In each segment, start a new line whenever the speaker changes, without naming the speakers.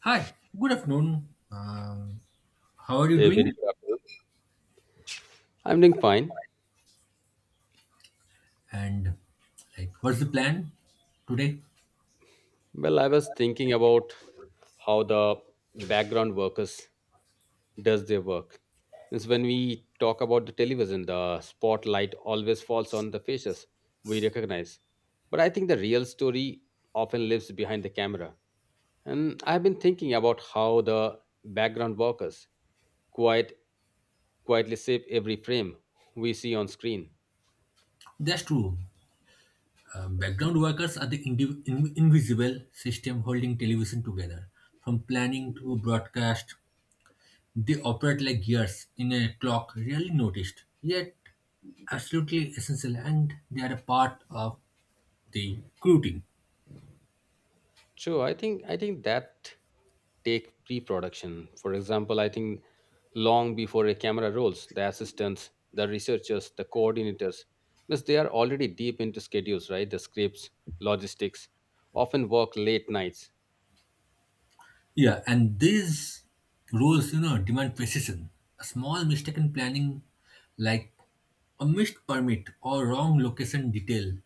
Hi, good afternoon. How are you
A very
doing?
good afternoon. I'm doing fine.
And like, what's the plan today?
Well, I was thinking about how the background workers does their work. Means when we talk about the television, the spotlight always falls on the faces we recognize. But I think the real story often lives behind the camera. And I've been thinking about how the background workers quite quietly shape every frame we see on screen.
That's true. Background workers are the invisible system holding television together. From planning to broadcast, they operate like gears in a clock, rarely noticed, yet absolutely essential, and they are a part of the crew team.
True. I think that take pre-production. For example, I think long before a camera rolls, the assistants, the researchers, the coordinators, means they are already deep into schedules, right? The scripts, logistics, often work late nights.
Yeah, and these rules, demand precision. A small mistake in planning, like a missed permit or wrong location detail,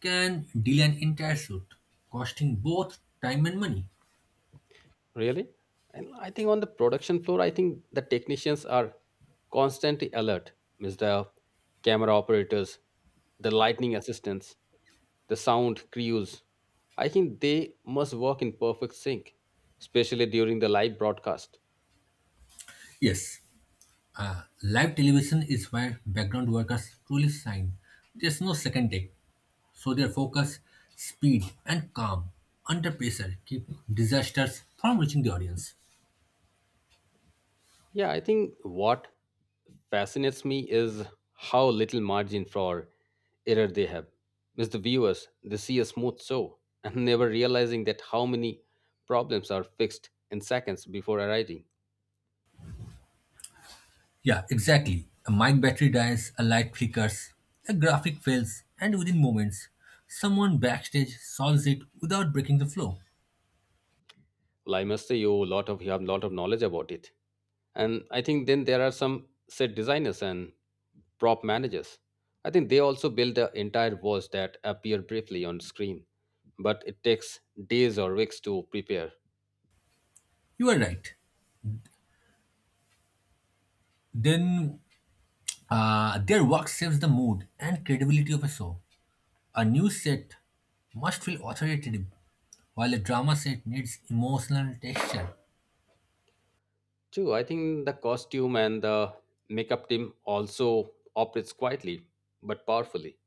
can delay an entire shoot, costing both time and money.
Really? And I think on the production floor, I think the technicians are constantly alert. Means the camera operators, the lightning assistants, the sound crews. I think they must work in perfect sync, especially during the live broadcast.
Yes, live television is where background workers truly shine. There's no second take, so their focus, speed, and calm under pressure keep disasters from reaching the audience.
Yeah, I think what fascinates me is how little margin for error they have. As the viewers, they see a smooth show and never realizing that how many problems are fixed in seconds before arriving.
Yeah, exactly. A mic battery dies, a light flickers, a graphic fails, and within moments, someone backstage solves it without breaking the flow.
Well, I must say you lot of you have a lot of knowledge about it. And I think then there are some set designers and prop managers. I think they also build the entire worlds that appear briefly on screen, but it takes days or weeks to prepare.
You are right. Then their work saves the mood and credibility of a show. A news set must feel authoritative, while a drama set needs emotional texture.
Too, I think the costume and the makeup team also operates quietly but powerfully,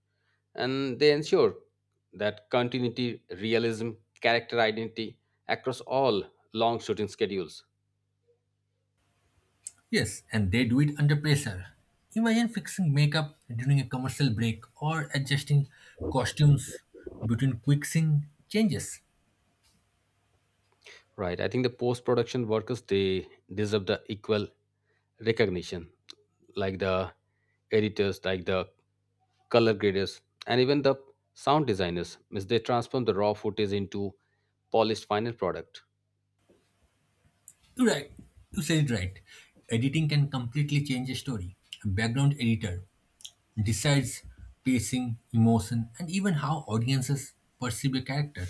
and they ensure that continuity, realism, character identity across all long shooting schedules.
Yes, and they do it under pressure. Imagine fixing makeup during a commercial break or adjusting costumes between quick scene changes.
Right. I think the post production workers they deserve the equal recognition, like the editors, like the color graders, and even the sound designers. Means they transform the raw footage into polished final product.
Right. You said it right. Editing can completely change a story. A background editor decides pacing, emotion, and even how audiences perceive a character.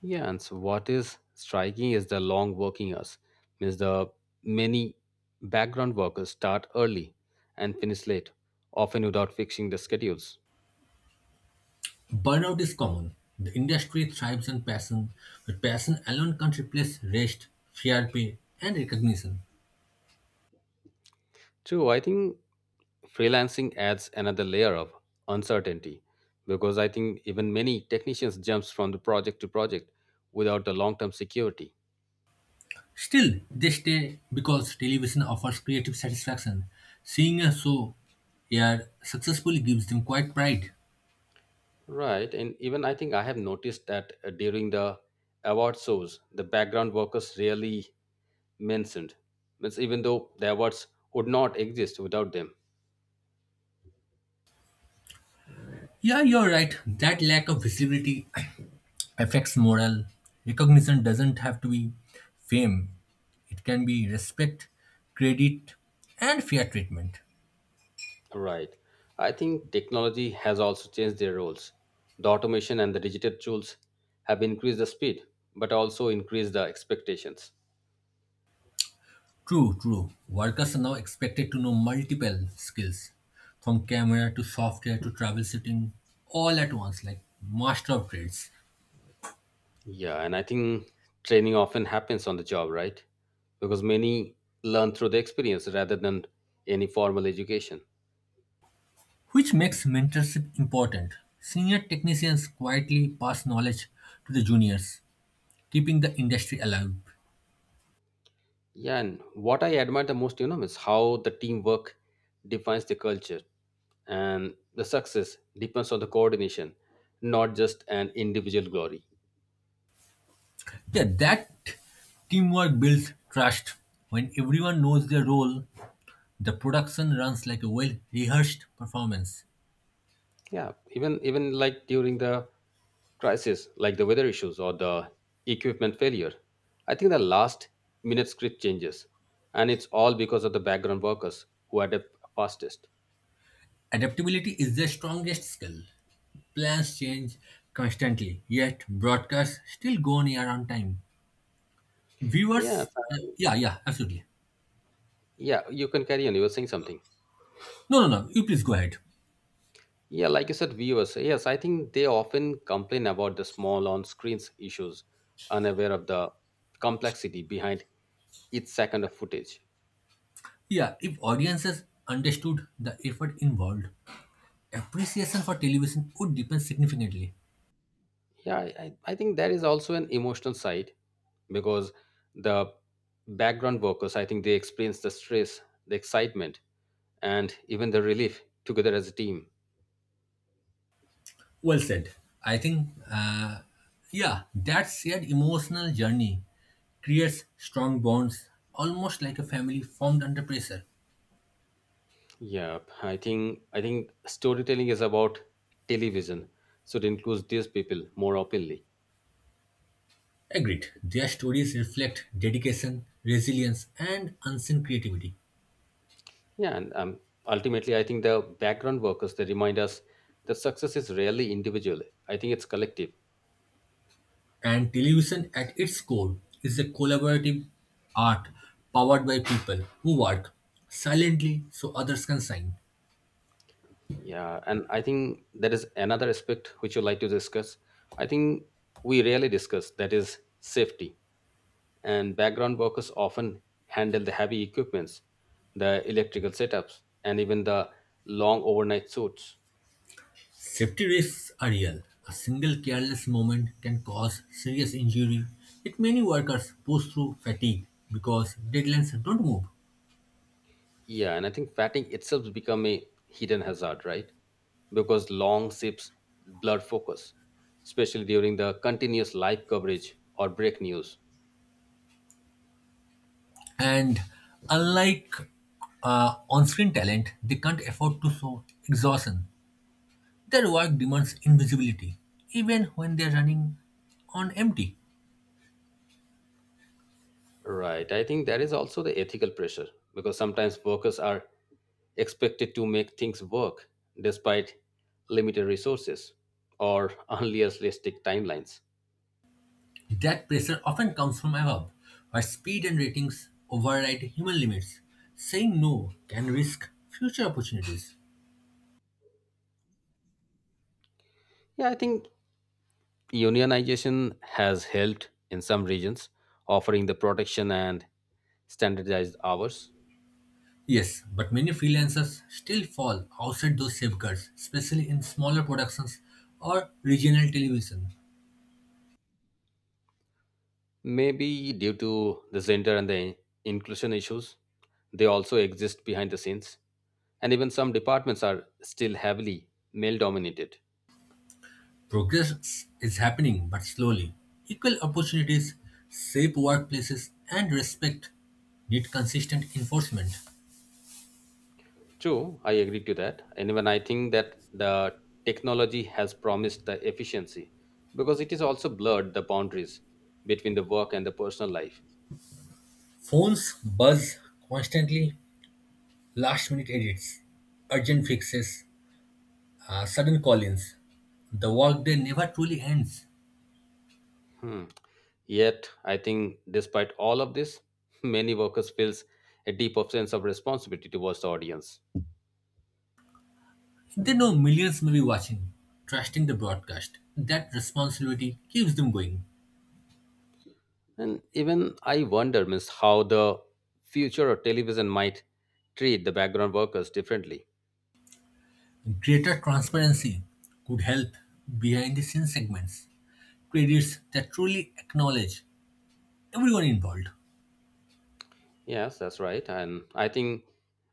Yeah, and so what is striking is the long working hours. Means the many background workers start early and finish late, often without fixing the schedules.
Burnout is common. The industry thrives on passion, but passion alone can't replace rest, fair pay, and recognition.
True, I think freelancing adds another layer of uncertainty because I think even many technicians jumps from the project to project without the long term security.
Still, they stay because television offers creative satisfaction. Seeing a show air successfully gives them quite pride.
Right, and even I think I have noticed that during the award shows the background workers rarely mentioned, means even though the awards would not exist without them.
Yeah, you're right. That lack of visibility affects morale. Recognition doesn't have to be fame, it can be respect, credit, and fair treatment.
Right, I think technology has also changed their roles. The automation and the digital tools have increased the speed but also increased the expectations.
True, true. Workers are now expected to know multiple skills from camera to software to travel setting, all at once, like master of trades,
Yeah, and I think training often happens on the job, right? Because many learn through the experience rather than any formal education.
which makes mentorship important. Senior technicians quietly pass knowledge to the juniors, keeping the industry alive.
Yeah, and what I admire the most, you know, is how the teamwork defines the culture and the success depends on the coordination, not just an individual glory.
Yeah, that teamwork builds trust. When everyone knows their role, the production runs like a well rehearsed performance.
Yeah, even like during the crisis like the weather issues or the equipment failure, I think the last minute script changes, and it's all because of the background workers who adapt fastest.
Adaptability is their strongest skill. Plans change constantly, yet broadcasts still go on air on time.
Yes,
Viewers, yeah, yeah, absolutely.
yeah, you can carry on, you were saying something.
No, no, no, you please go ahead.
Yeah, like you said viewers, yes, I think they often complain about the small on screens issues, unaware of the complexity behind each second of footage.
Yeah, if audiences understood the effort involved, appreciation for television would deepen significantly.
Yeah, I think there is also an emotional side because the background workers, I think they experience the stress, the excitement, and even the relief together as a team.
Well said. I think, yeah, that shared emotional journey creates strong bonds, almost like a family formed under pressure.
Yeah, I think storytelling is about television, so it includes these people more openly.
Agreed. Their stories reflect dedication, resilience, and unseen creativity.
Yeah, and ultimately, I think the background workers they remind us that success is rarely individual. I think it's collective.
And television, at its core, is a collaborative art powered by people who work silently so others can shine.
Yeah, and I think there is another aspect which you like to discuss. I think we rarely discuss that is safety. And background workers often handle the heavy equipments, the electrical setups, and even the long overnight suits.
Safety risks are real. A single careless moment can cause serious injury, yet many workers push through fatigue because deadlines don't move.
Yeah, and I think fatigue itself become a hidden hazard, right? Because long shifts blur focus, especially during the continuous live coverage or break news.
And unlike on screen talent, they can't afford to show exhaustion. Their work demands invisibility, even when they're running on empty.
Right. I think there is also the ethical pressure because sometimes workers are expected to make things work despite limited resources or unrealistic timelines.
That pressure often comes from above, where speed and ratings override human limits. Saying no can risk future opportunities.
Yeah, I think unionization has helped in some regions, offering the protection and standardized hours.
Yes, but many freelancers still fall outside those safeguards, especially in smaller productions or regional television.
Maybe due to the gender and the inclusion issues, they also exist behind the scenes. And even some departments are still heavily male dominated.
Progress is happening, but slowly. Equal opportunities, safe workplaces, and respect need consistent enforcement.
True, I agree to that. And even I think that the technology has promised the efficiency because it is also blurred the boundaries between the work and the personal life.
Phones buzz constantly, last minute edits, urgent fixes, sudden call ins. The workday never truly ends.
Hmm. Yet, I think despite all of this, many workers feels a deep of sense of responsibility towards the audience.
They know millions may be watching, trusting the broadcast. That responsibility keeps them going.
And even I wonder, miss, how the future of television might treat the background workers differently.
Greater transparency could help behind the scenes segments, credits that truly acknowledge everyone involved.
Yes, that's right. And I think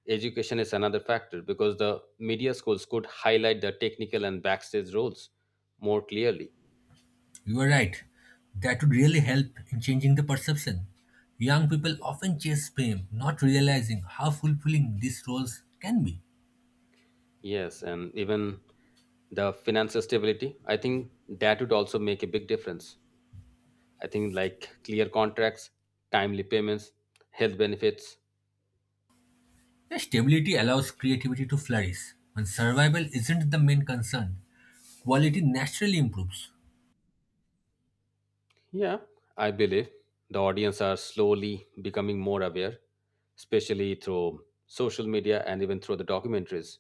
education is another factor because the media schools could highlight the technical and backstage roles more clearly.
You are right, that would really help in changing the perception. Young people often chase fame, not realizing how fulfilling these roles can be.
Yes, and even the financial stability, I think that would also make a big difference. I think like clear contracts, timely payments, health benefits.
The stability allows creativity to flourish. When survival isn't the main concern, quality naturally improves.
Yeah, I believe the audience are slowly becoming more aware, especially through social media and even through the documentaries.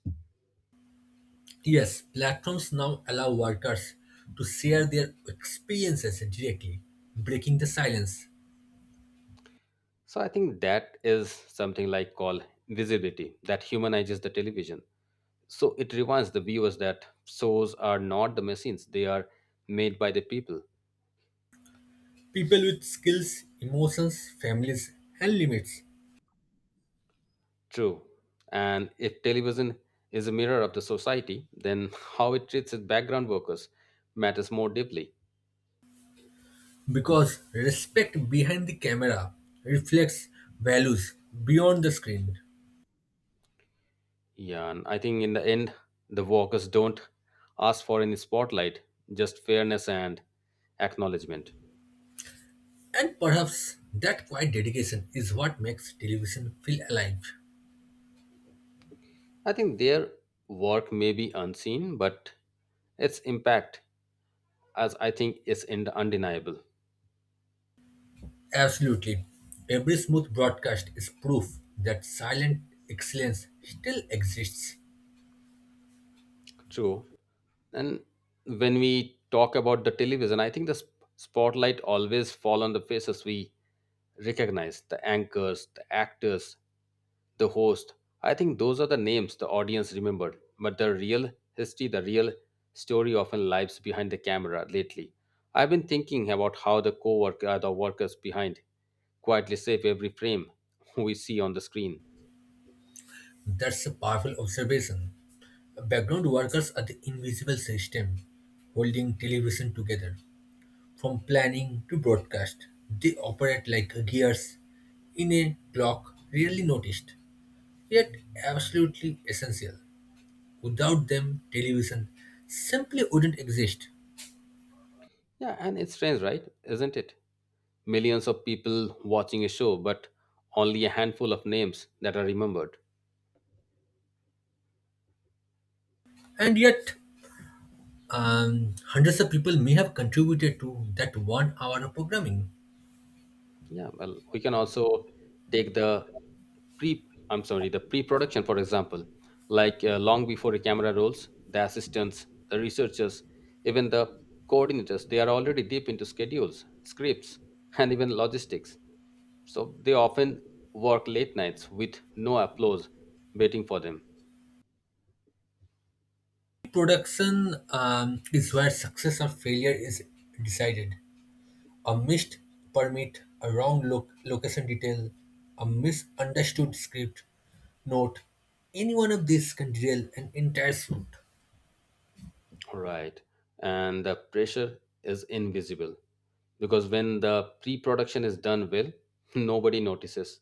Yes, platforms now allow workers to share their experiences directly, breaking the silence.
So I think that is something like called visibility that humanizes the television. So it reminds the viewers that shows are not the machines; they are made by the people.
People with skills, emotions, families, and limits.
True. And if television is a mirror of the society, then how it treats its background workers matters more deeply.
Because respect behind the camera reflects values beyond the screen.
Yeah, and I think in the end, the workers don't ask for any spotlight, just fairness and acknowledgement.
And perhaps that quiet dedication is what makes television feel alive.
I think their work may be unseen, but its impact, as I think, is undeniable.
Absolutely. Every smooth broadcast is proof that silent excellence still exists.
True. And when we talk about the television, I think the spotlight always fall on the faces we recognize, the anchors, the actors, the host. I think those are the names the audience remembered, but the real history, the real story often lives behind the camera lately. I've been thinking about how the co-worker, the workers behind quietly save every frame we see on the screen.
That's a powerful observation. Background workers are the invisible system holding television together. From planning to broadcast, they operate like gears in a clock rarely noticed, yet absolutely essential. Without them, television simply wouldn't exist.
Yeah, and it's strange, right? Isn't it? Millions of people watching a show, but only a handful of names that are remembered.
And yet, hundreds of people may have contributed to that 1 hour of programming.
Yeah, well, we can also take the pre-production, for example, like long before the camera rolls, the assistants, the researchers, even the coordinators, they are already deep into schedules, scripts, and even logistics. So they often work late nights with no applause waiting for them.
Production is where success or failure is decided. A missed permit, a wrong location detail, a misunderstood script note, any one of these can derail an entire shoot.
Right. And the pressure is invisible because when the pre production is done well, nobody notices.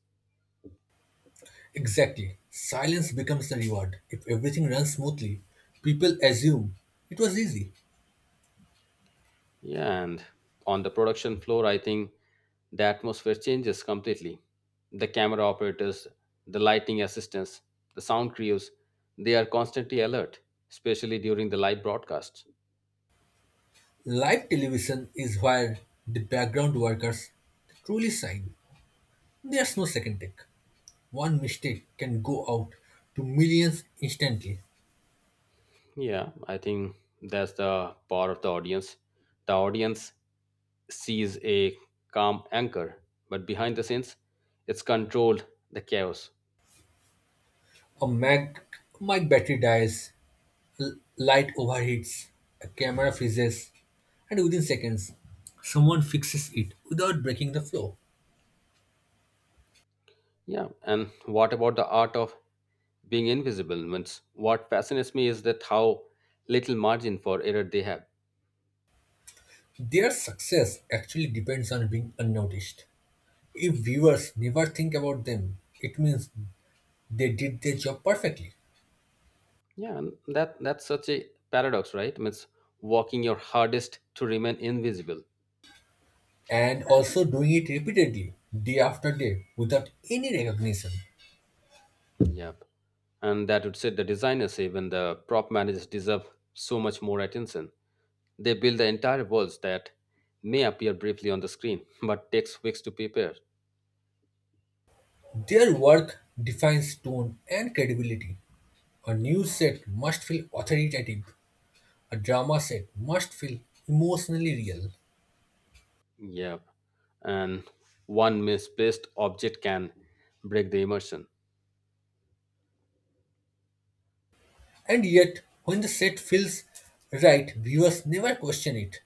Exactly. Silence becomes the reward. If everything runs smoothly, people assume it was easy.
Yeah, and on the production floor, I think the atmosphere changes completely. The camera operators, the lighting assistants, the sound crews, they are constantly alert, especially during the live broadcasts.
Live television is where the background workers truly shine. There's no second take. One mistake can go out to millions instantly.
Yeah, I think that's the power of the audience. The audience sees a calm anchor, but behind the scenes, it's controlled the chaos.
A mic battery dies, L- light overheats, a camera freezes, and within seconds, someone fixes it without breaking the flow.
Yeah, and what about the art of being invisible? Means what fascinates me is that how little margin for error they have.
Their success actually depends on being unnoticed. If viewers never think about them, it means they did their job perfectly,
Yeah, and that's such a paradox, right? Means working your hardest to remain invisible.
and also doing it repeatedly, day after day, without any recognition.
Yep, and that would say the designers, even the prop managers, deserve so much more attention. They build the entire worlds that may appear briefly on the screen, but takes weeks to prepare.
Their work defines tone and credibility. A news set must feel authoritative, a drama set must feel emotionally real.
Yep. And one misplaced object can break the immersion.
And yet, when the set feels right, viewers never question it.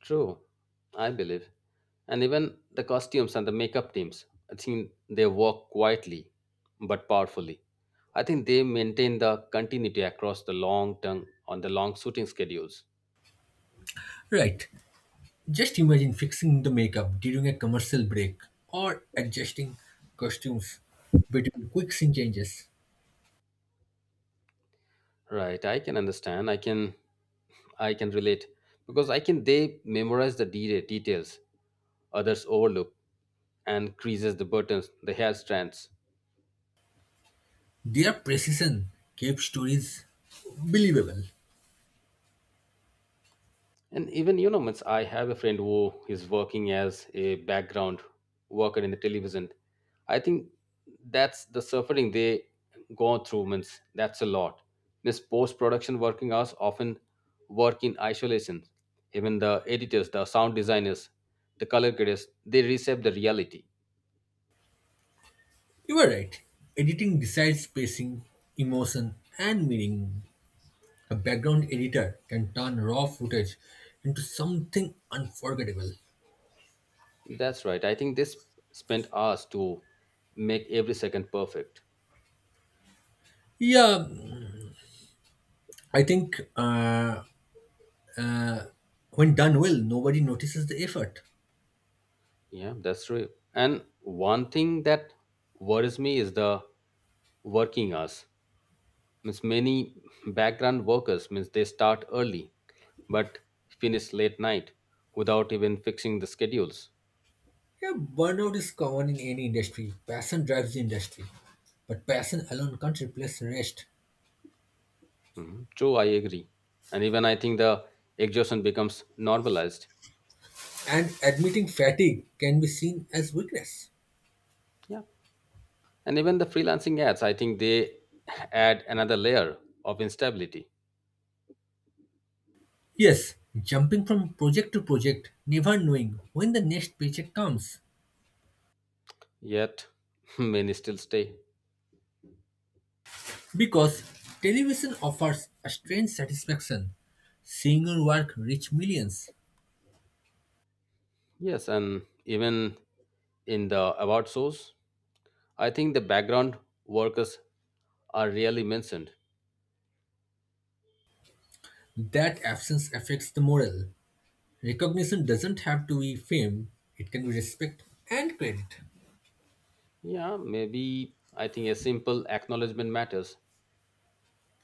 True, I believe. And even the costumes and the makeup teams, I think they work quietly but powerfully. I think they maintain the continuity across the long term on the long shooting schedules.
Right. Just imagine fixing the makeup during a commercial break or adjusting costumes between quick scene changes.
Right, I can understand. I can relate because I can they memorize the details others overlook and creases the buttons, the hair strands.
Their precision kept stories believable.
And even you know, means I have a friend who is working as a background worker in the television. I think that's the suffering they go through. Means that's a lot. This post-production working hours often work in isolation. Even the editors, the sound designers, the color graders, they reshape the reality.
You are right. Editing decides pacing, emotion, and meaning. A background editor can turn raw footage into something unforgettable.
That's right. I think they spent hours to make every second perfect.
Yeah, I think, when done well, nobody notices the effort.
Yeah, that's true. And one thing that worries me is the working hours. Means many background workers means they start early but finish late night without even fixing the schedules.
Yeah, burnout is common in any industry. Passion drives the industry. But passion alone can't replace rest.
Mhm. True, I agree. And even I think the exhaustion becomes normalized.
And admitting fatigue can be seen as weakness.
Yeah. And even the freelancing ads, I think they add another layer of instability.
Yes, jumping from project to project, never knowing when the next paycheck comes.
Yet many still stay.
Because television offers a strange satisfaction. Seeing your work reach millions.
Yes, and even in the award shows, I think the background workers are rarely mentioned.
That absence affects the morale. Recognition doesn't have to be fame, it can be respect and credit.
Yeah, maybe I think a simple acknowledgement matters.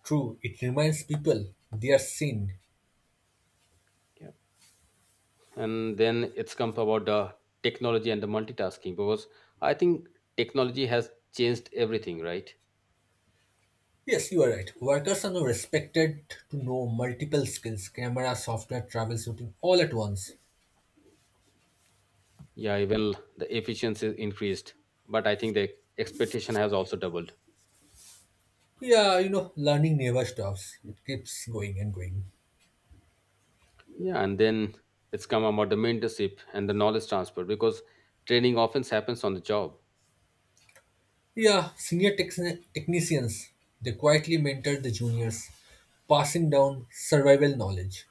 True, it reminds people they are seen.
Yeah. And then it's come about the technology and the multitasking because I think technology has changed everything, right?
Yes, you are right. Workers are now respected to know multiple skills, camera, software, travel, shooting, all at once.
Yeah, even the efficiency increased, but I think the expectation has also doubled.
Yeah, learning never stops. It keeps going and going.
Yeah, and then it's come about the mentorship and the knowledge transfer because training often happens on the job.
Yeah, senior technicians, they quietly mentor the juniors, passing down survival knowledge.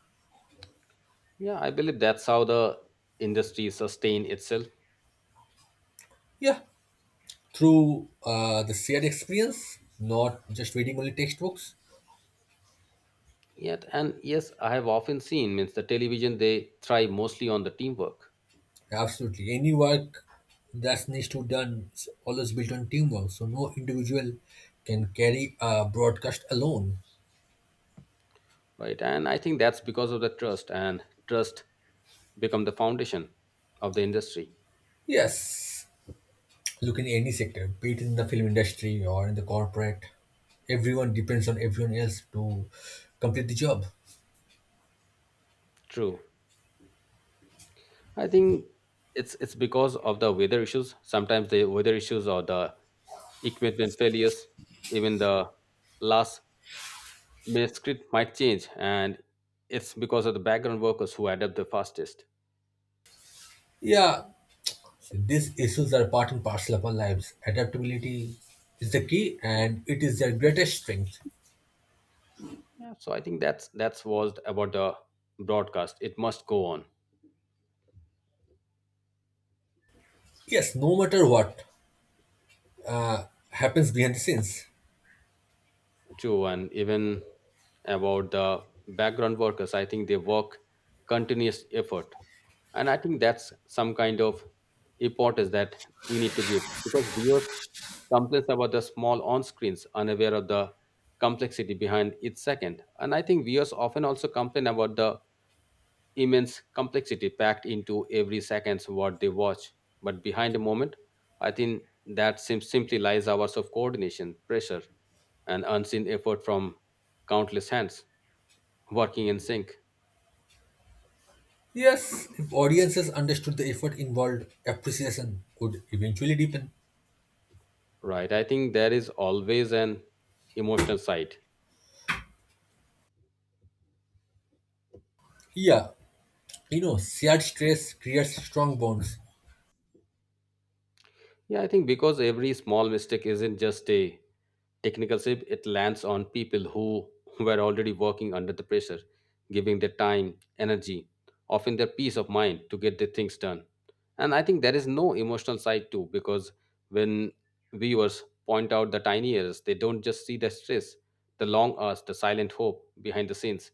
Yeah, I believe that's how the industry sustain itself.
Yeah, through the shared experience, not just reading only textbooks.
Yet, and yes, I have often seen means the television they thrive mostly on the teamwork,
Absolutely. Any work that needs to done is always built on teamwork. So no individual can carry a broadcast alone.
right? And I think that's because of the trust and trust become the foundation of the industry.
Yes. Look in any sector, be it in the film industry or in the corporate. Everyone depends on everyone else to complete the job.
True, I think it's because of the weather issues. Sometimes the weather issues or the equipment failures, even the last minute script might change, and it's because of the background workers who adapt the fastest.
Yeah. So these issues are part and parcel of our lives. Adaptability is the key and it is their greatest strength.
Yeah, so I think that's was about the broadcast. It must go on.
Yes, no matter what happens behind the scenes.
True, and even about the background workers, I think they work continuous effort. And I think that's some kind of importance that we need to give because viewers complains about the small on screens, unaware of the complexity behind each second. And I think viewers often also complain about the immense complexity packed into every second's what they watch. But behind a moment, I think that simply lies hours of coordination, pressure, and unseen effort from countless hands working in sync.
Yes, if audiences understood the effort involved, appreciation could eventually deepen.
Right. I think there is always an emotional side.
Yeah, shared stress creates strong bonds.
Yeah, I think because every small mistake isn't just a technical slip, it lands on people who were already working under the pressure, giving their time, energy, often their peace of mind to get their things done. And I think there is no emotional side too, because when viewers point out the tiny errors, they don't just see the stress, the long hours, the silent hope behind the scenes.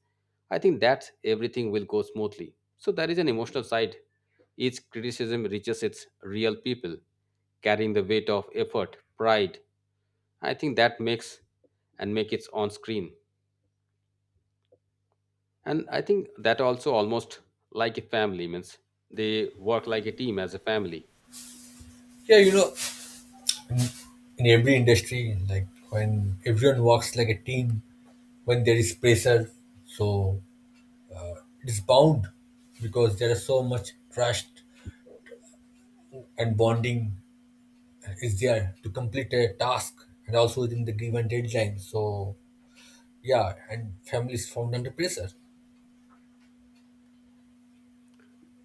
I think that everything will go smoothly. So there is an emotional side each criticism reaches its real people, carrying the weight of effort, pride. I think that makes and make it's on screen. And I think that also almost like a family means they work like a team as a family.
Yeah, in every industry, like when everyone works like a team, when there is pressure, so it is bound because there is so much trust and bonding is there to complete a task and also within the given deadline. So, yeah, and families found under pressure.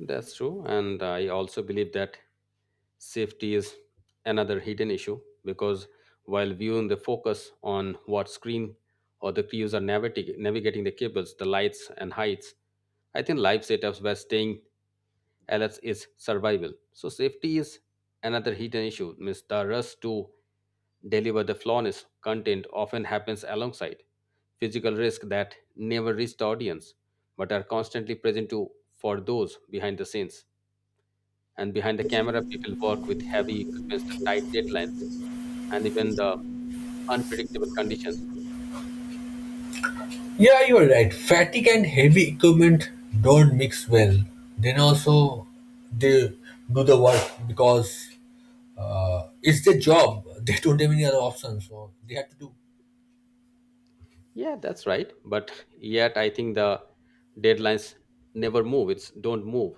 That's true. And I also believe that safety is another hidden issue because while viewing the focus on what screen or the crews are navigating the cables, the lights and heights, I think live setups were staying else is survival. So safety is another hidden issue. Means the rush to deliver the flawless content often happens alongside physical risks that never reach the audience but are constantly present to for those behind the scenes and behind the camera people work with heavy equipment the tight deadlines and even the unpredictable conditions.
Yeah, you're right. Fatigue and heavy equipment don't mix well. Then also they do the work because it's their job. They don't have any other option, so they have to do.
Yeah, that's right, but yet I think the deadlines never move, it's don't move,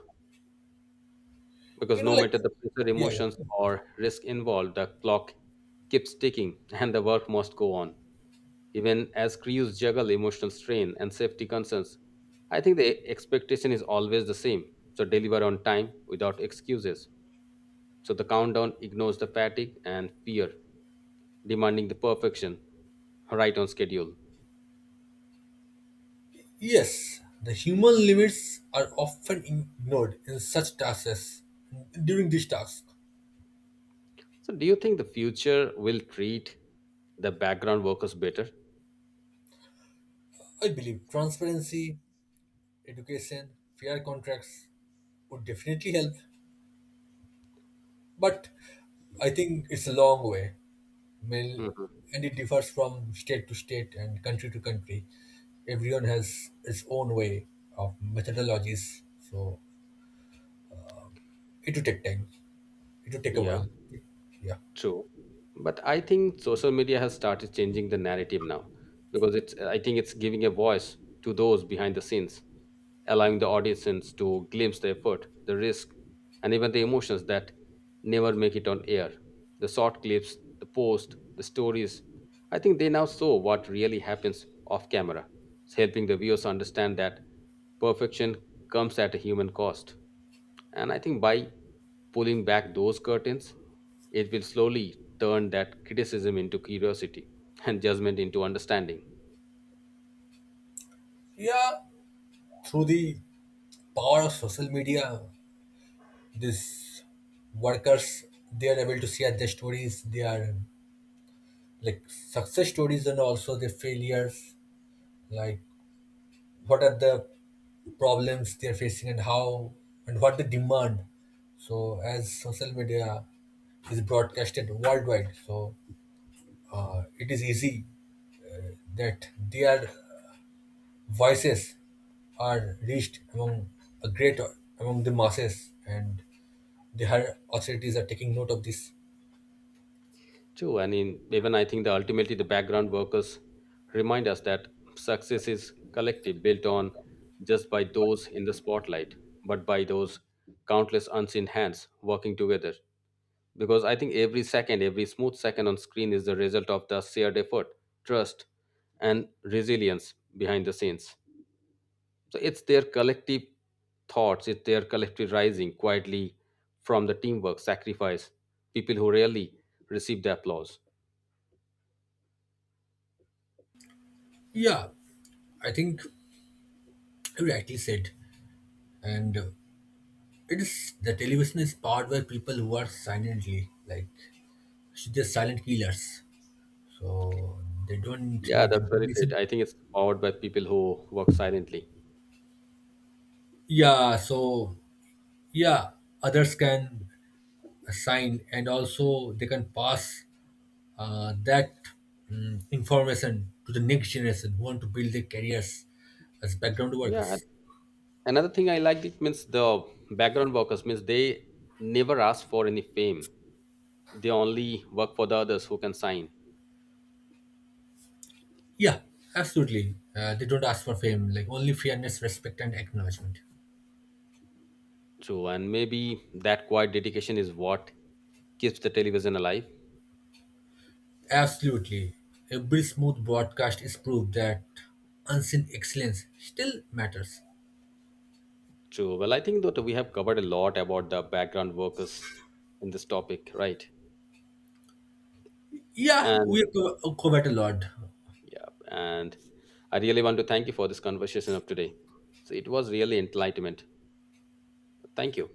because
You know,
no
like
matter the pressure,
yeah,
emotions,
yeah.
or risk involved, the clock keeps ticking and the work must go on. Even as crews juggle emotional strain and safety concerns, I think the expectation is always the same. So deliver on time without excuses. So the countdown ignores the fatigue and fear, demanding the perfection right on schedule.
Yes, the human limits are often ignored in such tasks as during this task.
So do you think the future will treat the background workers better?
I believe transparency, education, fair contracts would definitely help, but I think it's a long way. Mil-
Mhm.
and it differs from state to state and country to country. Everyone has its own way of methodologies, so it will take time. It will take a
Yeah.
while. Yeah,
True, but I think social media has started changing the narrative now because it's I think it's giving a voice to those behind the scenes, allowing the audience to glimpse the effort, the risk, and even the emotions that never make it on air. The short clips, the post, the stories. I think they now show what really happens off camera, helping the viewers understand that perfection comes at a human cost. And I think by pulling back those curtains, it will slowly turn that criticism into curiosity and judgment into understanding.
yeah. Through the power of social media, these workers they are able to share their stories. They are like success stories and also their failures. Like what are the problems they're facing and how and what they demand. So as social media is broadcasted worldwide, so it is easy that their voices are reached among a great among the masses, and the higher authorities are taking note of this.
True, and in, even I think that ultimately the background workers remind us that success is collective, built on just by those in the spotlight, but by those countless unseen hands working together. Because I think every second, every smooth second on screen is the result of the shared effort, trust, and resilience behind the scenes. So it's their collective thoughts, it's their collective rising quietly from the teamwork, sacrifice, people who rarely receive the applause.
Yeah, I think you rightly said, and it is the television is powered by people who are silently like they're silent killers. So they don't
Yeah,
need
that's very it.
recognition,
I think it's powered by people who work silently.
yeah. So, yeah, others can assign, and also they can pass that information to the next generation who want to build their careers as background
Yeah. And
workers.
another thing I liked it means the background workers means they never ask for any fame. They only work for the others who can sign.
Yeah, absolutely. They don't ask for fame, like only fairness, respect, and acknowledgement.
True. And maybe that quiet dedication is what keeps the television alive.
Absolutely, every smooth broadcast is proof that unseen excellence still matters.
True. Well, I think that we have covered a lot about the background workers in this topic, right?
Yeah,
And
we have covered a lot.
yeah, and I really want to thank you for this conversation of today. So it was really enlightenment. Thank you.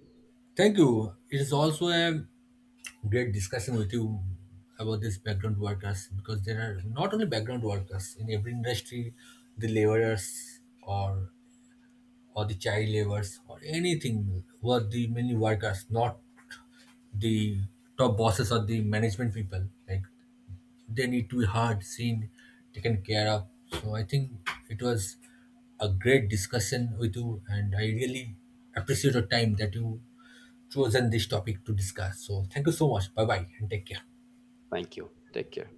Thank you. It is also a great discussion with you about these background workers because there are not only background workers in every industry, the laborers or the child laborers or anything were the many workers, not the top bosses or the management people. Like they need to be heard, seen, taken care of. So I think it was a great discussion with you, and I really appreciate your time that you chosen this topic to discuss. So thank you so much. Bye bye and take care.
Thank you. Take care.